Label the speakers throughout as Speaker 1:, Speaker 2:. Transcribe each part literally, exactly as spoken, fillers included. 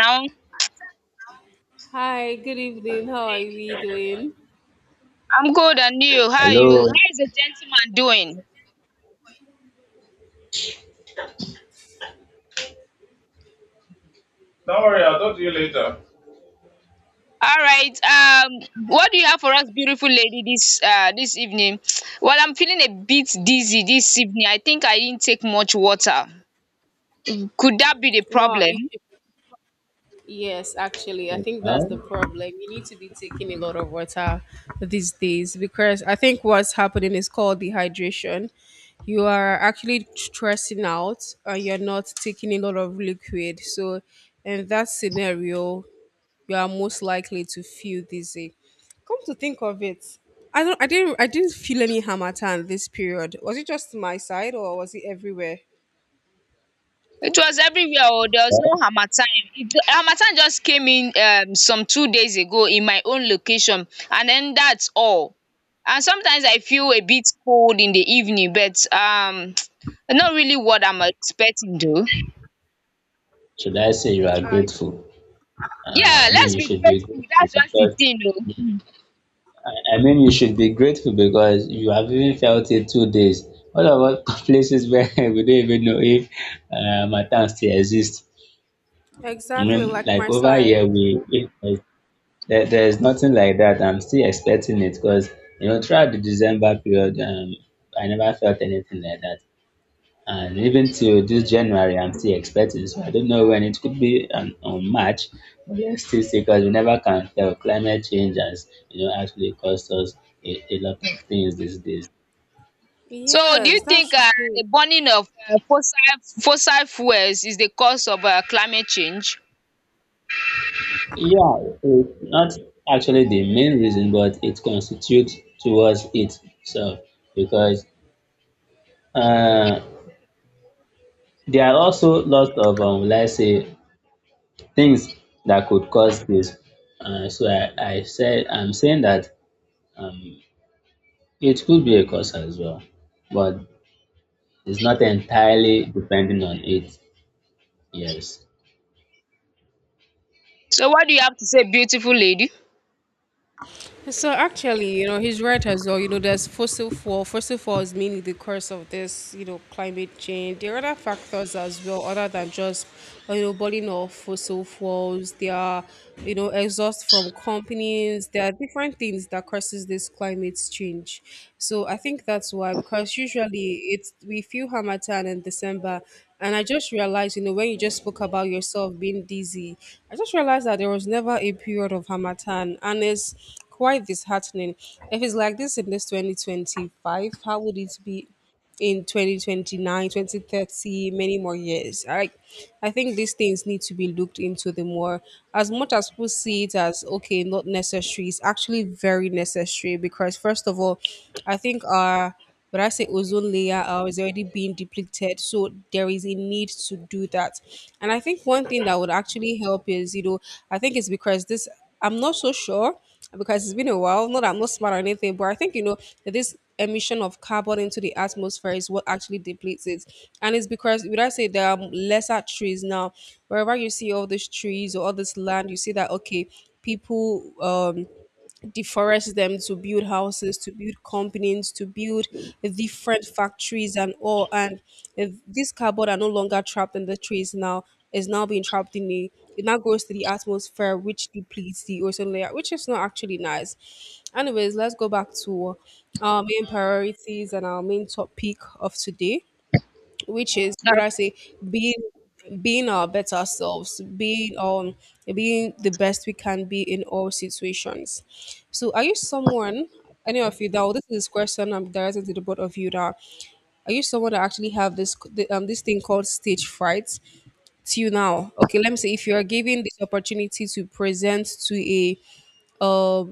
Speaker 1: Downside.
Speaker 2: Hi, good evening. How are we doing?
Speaker 1: I'm good and you. How you
Speaker 3: Hello.
Speaker 1: how is the gentleman doing?
Speaker 3: Don't worry, I'll talk to you later.
Speaker 1: All right. Um what do you have for us, beautiful lady, this uh this evening? Well, I'm feeling a bit dizzy this evening. I think I didn't take much water. Could that be the
Speaker 2: Wow, you
Speaker 1: problem?
Speaker 2: should, yes, actually, I think that's the
Speaker 3: Well,
Speaker 2: problem. You need to be taking a lot of water these days because I think what's happening is called dehydration. You are actually stressing out and you're not taking a lot of liquid. So, in that scenario, you are most likely to feel dizzy. Come to think of it, I don't, I didn't, I didn't feel any hamatan this period. Was it just my side or was it everywhere?
Speaker 1: It was everywhere. Oh, there was no
Speaker 3: well,
Speaker 1: harmattan. It, harmattan just came in um some two days ago in my own location, and then that's all. And sometimes I feel a bit cold in the evening, but um not really what I'm expecting though.
Speaker 3: should I say you are
Speaker 2: I.
Speaker 3: grateful? Uh,
Speaker 1: Yeah,
Speaker 3: I mean,
Speaker 1: let's
Speaker 3: you
Speaker 1: be
Speaker 3: should be
Speaker 1: grateful.
Speaker 3: grateful
Speaker 1: That's just the
Speaker 3: because
Speaker 1: thing, though.
Speaker 3: I, I mean, you should be grateful because you have even felt it two days. What about places where we don't even know if uh, Matan still exists? I
Speaker 2: Exactly
Speaker 3: mean,
Speaker 2: like
Speaker 3: like
Speaker 2: my
Speaker 3: over here,
Speaker 2: side.
Speaker 3: we we- there's- there, there's nothing like that. I'm still expecting it because you know throughout the December period, um, I never felt anything like that. And even till this January, I'm still expecting. So I don't know when it could be on, on March. But let's still see because we never can tell. Climate change has, you know, actually cost us a, a lot of things these days.
Speaker 1: So, do you
Speaker 2: Yes, that's
Speaker 1: think uh, the
Speaker 2: true.
Speaker 1: burning of uh, fossil fossil fuels is the cause of uh, climate change?
Speaker 3: Yeah, it's not actually the main reason, but it constitutes towards it. So because uh, there are also lots of, um, let's say, things that could cause this. Uh, so I, I said I'm saying that. Um, It could be a cause as well, but it's not entirely depending on it. Yes.
Speaker 1: So, what do you have to say, beautiful lady?
Speaker 2: So actually, you know, he's right as well. You know, there's fossil fuel. Fossil fuel is mainly the cause of this, you know, climate change. There are other factors as well, other than just, uh, you know, burning off fossil fuels. There are, you know, exhaust from companies. There are different things that causes this climate change. So I think that's why, because usually it's we feel Hamatan in December, and I just realized, you know, when you just spoke about yourself being dizzy, I just realized that there was never a period of Hamatan. And it's quite disheartening. If it's like this in this twenty twenty-five, how would it be in twenty twenty nine, twenty thirty, many more years? I, I think these things need to be looked into the more. As much as we see it as, okay, not necessary, it's actually very necessary because, first of all, I think our but I say ozone layer uh, is already being depleted. So there is a need to do that. And I think one thing that would actually help is, you know, I think it's because this, I'm not so sure because it's been a while. Not that I'm not smart or anything, but I think, you know, that this emission of carbon into the atmosphere is what actually depletes it. And it's because, would I say, there are lesser trees now. Wherever you see all these trees or all this land, you see that, okay, people, um, deforest them to build houses, to build companies, to build different factories and all. And if this carbon are no longer trapped in the trees now, is now being trapped in the it now goes to the atmosphere, which depletes the ozone layer, which is not actually nice. Anyways, let's go back to our main priorities and our main topic of today, which is would I say being being our better selves, being um being the best we can be in all situations. So are you someone, any of you — that this is, this question I'm directing to the both of you, that are you someone that actually have this the, um this thing called stage fright till now? Okay, let me say if you are given this opportunity to present to a uh,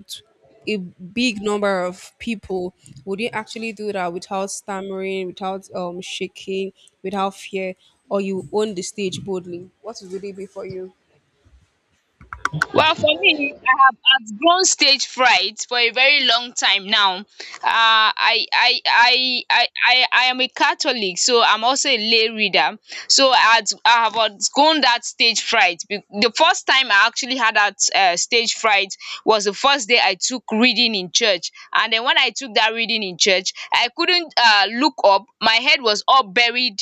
Speaker 2: a big number of people, would you actually do that without stammering, without um shaking, without fear, or you own the stage boldly? What would it be for you?
Speaker 1: Well, for me, I have outgrown stage fright for a very long time now. Uh, I, I, I, I, I, I am a Catholic, so I'm also a lay reader. So I, had, I have outgrown that stage fright. Be- The first time I actually had that uh, stage fright was the first day I took reading in church. And then when I took that reading in church, I couldn't uh, look up. My head was all buried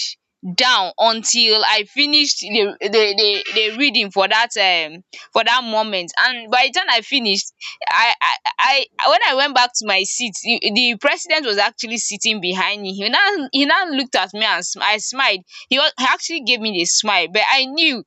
Speaker 1: down until I finished the, the, the, the reading for that. Um, for that moment and by the time i finished i i i I- when i went back to my seat the the president was actually sitting behind me he now he now looked at me and sm- i smiled. He was he actually gave me the smile but I knew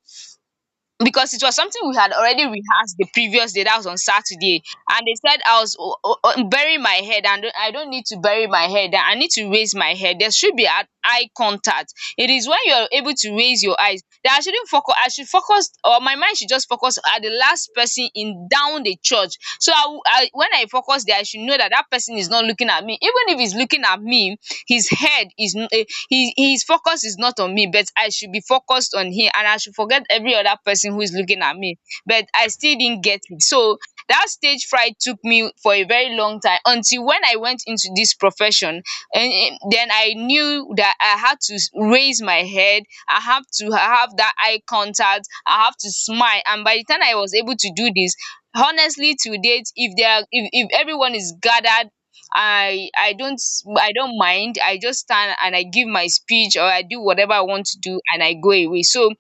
Speaker 1: because it was something we had already rehearsed the previous day. That was on Saturday, and they said I was o- o- o- burying my head, and I don't need to bury my head. I need to raise my head. There should be an eye contact. It is when you are able to raise your eyes that I shouldn't focus. I should focus, or my mind should just focus at the last person in down the church. So I, w- I- when I focus there, I should know that that person is not looking at me. Even if he's looking at me, his head is. Eh, he his focus is not on me, but I should be focused on him and I should forget every other person who is looking at me. But I still didn't get it. So that stage fright took me for a very long time until when I went into this profession and and then I knew that I had to s- raise my head, I have to have that eye contact, I have to smile. And by the time I was able to do this, honestly to date if they are if, if everyone is gathered I I don't I don't mind. I just stand and I give my speech or I do whatever I want to do and I go away. So,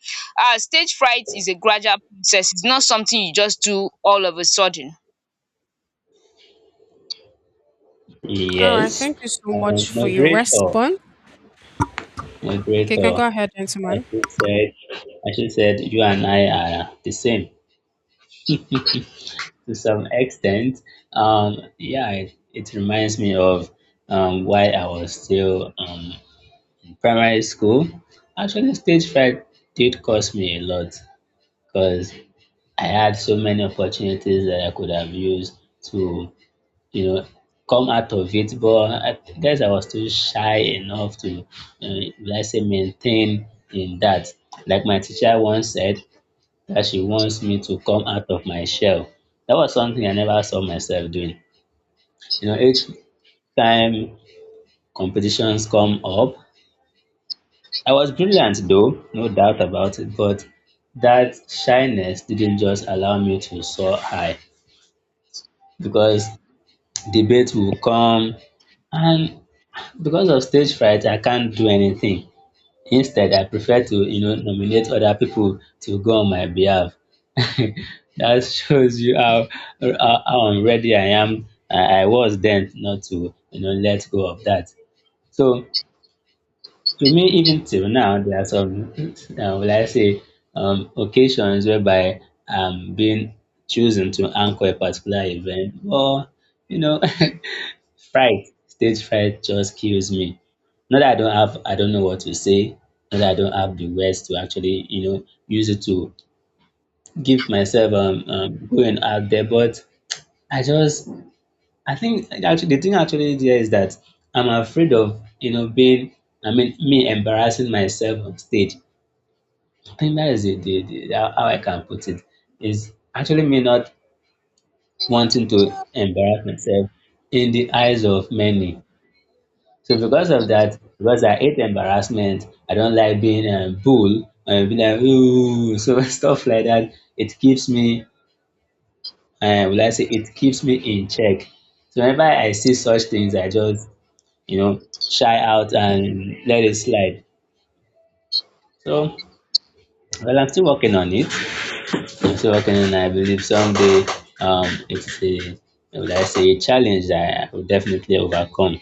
Speaker 1: uh, stage fright is a gradual process. It's not something you just do all of a sudden.
Speaker 2: All right,
Speaker 3: Yes.
Speaker 2: thank you so
Speaker 3: Uh,
Speaker 2: much for your
Speaker 3: moderator.
Speaker 2: response. Okay, can
Speaker 3: Moderator.
Speaker 2: go ahead,
Speaker 3: I
Speaker 2: gentlemen.
Speaker 3: should said I should said you and I are the same to some extent. Um yeah, it, it reminds me of um why I was still um in primary school. Actually stage fright did cost me a lot because I had so many opportunities that I could have used to you know, come out of it. But I th- guess I was still shy enough to, uh, let's say, maintain in that. Like my teacher once said that she wants me to come out of my shell. That was something I never saw myself doing. You know, each time competitions come up, I was brilliant though, no doubt about it, but that shyness didn't just allow me to soar high because debate will come and because of stage fright, I can't do anything. Instead, I prefer to, you know, nominate other people to go on my behalf. that shows you how, how how unready I am. I, I was then not to, you know, let go of that. So to me, even till now, there are some, uh, will I say, um, occasions whereby I'm being chosen to anchor a particular event, or you know. fright stage fright just kills me, not that I don't have, I don't know what to say, not that I don't have the words to actually, you know, use it to give myself um, um going out there, but I just, I think actually the thing actually there is that I'm afraid of, you know, being I mean me embarrassing myself on stage. I think that is the, the, the how how I can put it, is actually me not wanting to embarrass myself in the eyes of many. So because of that, because I hate embarrassment, I don't like being a bull and be like ooh, so stuff like that. It keeps me, uh, will I say, it keeps me in check. So whenever I see such things, I just, you know, shy out and let it slide. So well, I'm still working on it. I'm still working on. It. I believe someday, um, it's a, will I say, a challenge that I will definitely overcome.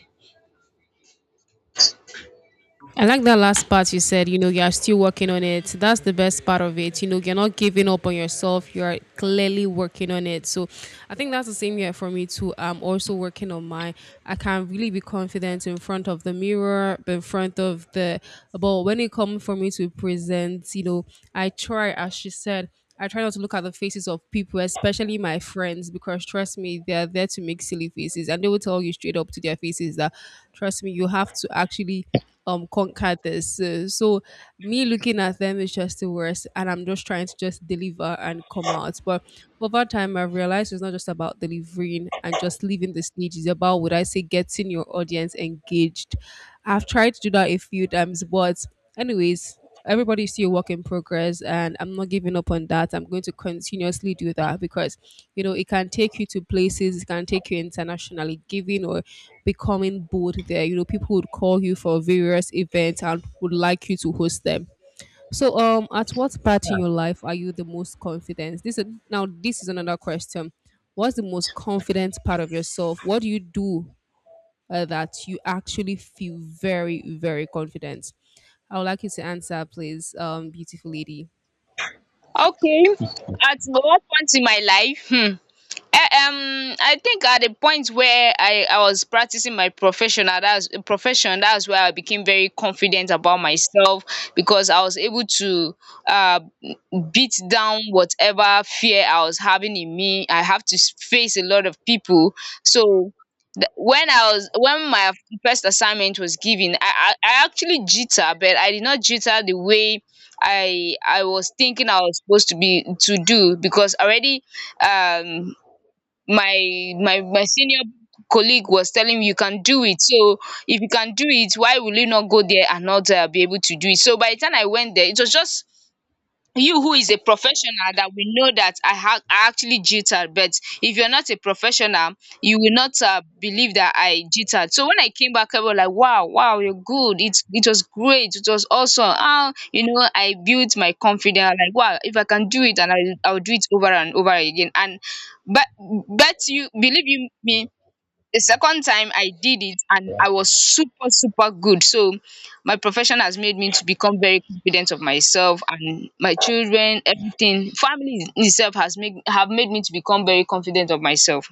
Speaker 2: I like that last part you said, you know, you're still working on it. That's the best part of it. You know, you're not giving up on yourself. You're clearly working on it. So I think that's the same here for me too. I'm also working on my, I can really be confident in front of the mirror, in front of the, but when it comes for me to present, you know, I try, as she said, I try not to look at the faces of people, especially my friends, because trust me, they're there to make silly faces. And they will tell you straight up to their faces that, trust me, you have to actually um conquer this. Uh, so me looking at them is just the worst, and I'm just trying to just deliver and come out. But over time, I've realized it's not just about delivering and just leaving the stage. It's about would I say getting your audience engaged. I've tried to do that a few times, but anyways, everybody's still a work in progress and I'm not giving up on that. I'm going to continuously do that because you know it can take you to places, it can take you internationally, giving or becoming bold there. You know, people would call you for various events and would like you to host them. So um at what part in your life are you the most confident? This is now, this is another question. What's the most confident part of yourself? What do you do, uh, that you actually feel very, very confident? I would like you to answer, please, um, beautiful lady.
Speaker 1: Okay, at what point in my life? Hmm. Eh, um I think at the point where I I was practicing my professional that's profession, that's where I became very confident about myself because I was able to uh beat down whatever fear I was having in me. I have to s- face a lot of people. So th- when I was when my first assignment was given, I, I I actually jitter, but I did not jitter the way I I was thinking I was supposed to be to do because already um my my my senior colleague was telling me you can do it. So if you can do it, why will you not go there and not uh, be able to do it? So by the time I went there, it was just you who is a professional that we know that I, ha- I actually jittered, but if you're not a professional, you will not uh, believe that I jittered. So when I came back, I was like, wow, wow, you're good. It, it was great. It was awesome. Ah, you know, I built my confidence. Like, wow, if I can do it and I, I'll do it over and over again. And but, but you believe you me, the second time I did it and I was super super good. So my profession has made me to become very confident of myself and my children, everything, family itself has made have made me to become very confident of myself.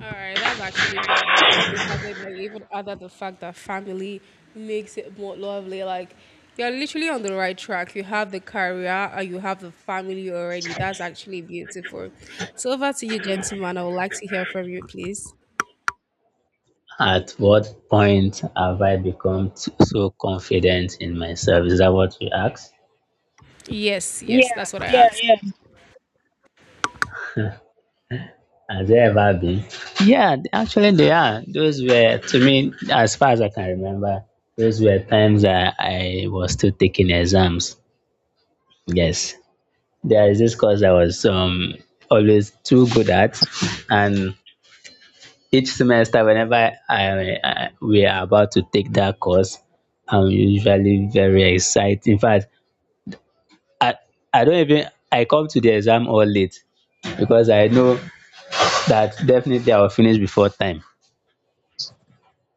Speaker 2: All right, that's actually lovely. I love the fact that you even added the fact that family makes it more lovely. Like, you're literally on the right track. You have the career and you have the family already. That's actually beautiful. So over to you, gentlemen. I would like to hear from you, please.
Speaker 3: At what point have I become t- so confident in myself? Is that what you asked?
Speaker 2: Yes, yes, that's what I asked.
Speaker 3: Has there ever been? Yeah, th- actually, there are. Those were, to me, as far as I can remember, those were times that I was still taking exams. Yes. There is this course I was um, always too good at. And each semester, whenever I, I, we are about to take that course, I'm usually very excited. In fact, I, I don't even, I come to the exam all late because I know that definitely I will finish before time.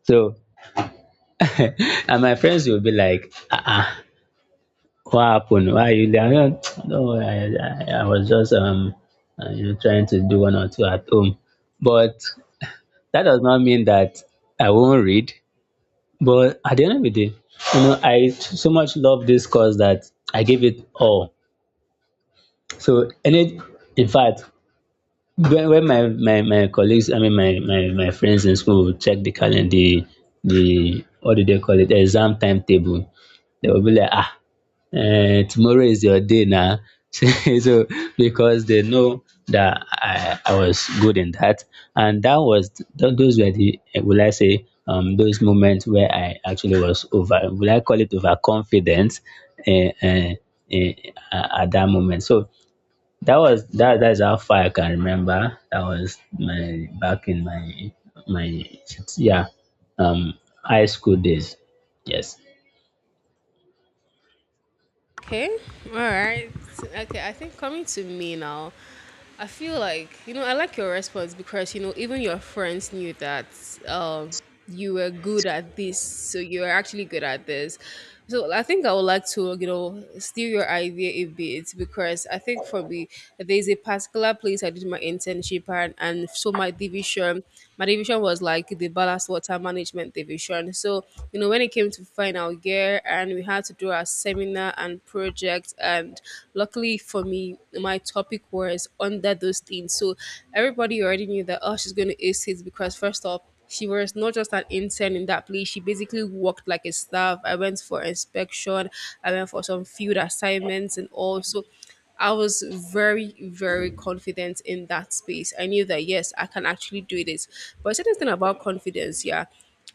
Speaker 3: So and my friends will be like, uh-uh, what happened? Why are you late? I'm like, "No, I, I, I was just um uh, you know, trying to do one or two at home. But that does not mean that I won't read. But at the end of the day, you know, I so much love this course that I give it all. So any, in fact, when, when my, my my colleagues I mean my, my my friends in school would check the calendar, the the what do they call it, exam timetable, they will be like ah eh, tomorrow is your day now. So, so because they know that I, I was good in that, and that was th- those were the eh, will I say um those moments where I actually was over, will I call it overconfident, uh, uh, at at that moment. So that was that. That's how far I can remember. That was my back in my my yeah um high school days. Yes.
Speaker 2: Okay. All right. Okay. I think coming to me now, I feel like, you know, I like your response because, you know, even your friends knew that um, you were good at this. So you're actually good at this. So I think I would like to, you know, steal your idea a bit because I think for me, there's a particular place I did my internship, and, and so my division, my division was like the ballast water management division. So, you know, when it came to final year, there and we had to do our seminar and project. And luckily for me, my topic was under those things. So everybody already knew that, oh, she's going to ace it because, first off, she was not just an intern in that place. She basically worked like a staff. I went for inspection. I went for some field assignments and all. So I was very, very confident in that space. I knew that yes, I can actually do this. But certain thing about confidence, yeah.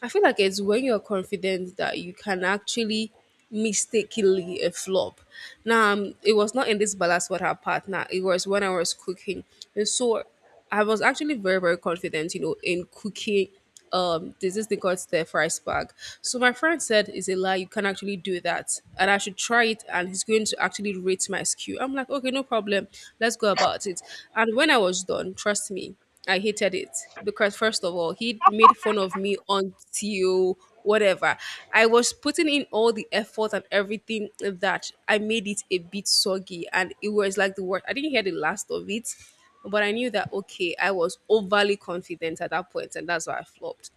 Speaker 2: I feel like it's when you're confident that you can actually mistakenly a flop. Now, um, it was not in this balance with her partner. It was when I was cooking, and so I was actually very very confident, you know, in cooking. Um, there's this thing called stir fry spark. So my friend said, "Is a lie. You can actually do that, and I should try it." And he's going to actually rate my skew. I'm like, "Okay, no problem. Let's go about it." And when I was done, trust me. I hated it because first of all, he made fun of me until whatever. I was putting in all the effort and everything that I made it a bit soggy and it was like the worst. I didn't hear the last of it, but I knew that okay, I was overly confident at that point and that's why I flopped.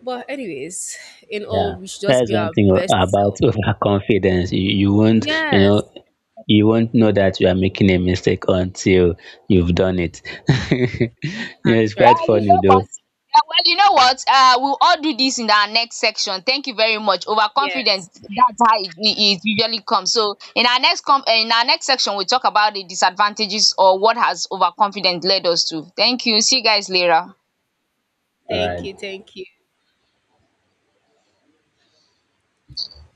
Speaker 2: But anyways, in
Speaker 3: Yeah,
Speaker 2: all we should just
Speaker 3: that's
Speaker 2: be
Speaker 3: one
Speaker 2: our
Speaker 3: thing o-
Speaker 2: best
Speaker 3: about
Speaker 2: self.
Speaker 3: overconfidence. You, you won't, you know,
Speaker 2: Yes,
Speaker 3: you won't know that you are making a mistake until you've done it. You know, it's quite
Speaker 1: Well,
Speaker 2: actually.
Speaker 1: you
Speaker 3: funny
Speaker 1: know what?
Speaker 3: though.
Speaker 1: Yeah, well, you know what? Uh, we'll all do this in our next section. Thank you very much. Overconfident,
Speaker 2: Yes.
Speaker 1: that's how it, it it usually comes. So, in our next com- uh, in our next section, we'll talk about the disadvantages or what has overconfidence led us to. Thank you. See you guys later.
Speaker 3: All
Speaker 2: Thank
Speaker 3: right.
Speaker 2: you, thank you.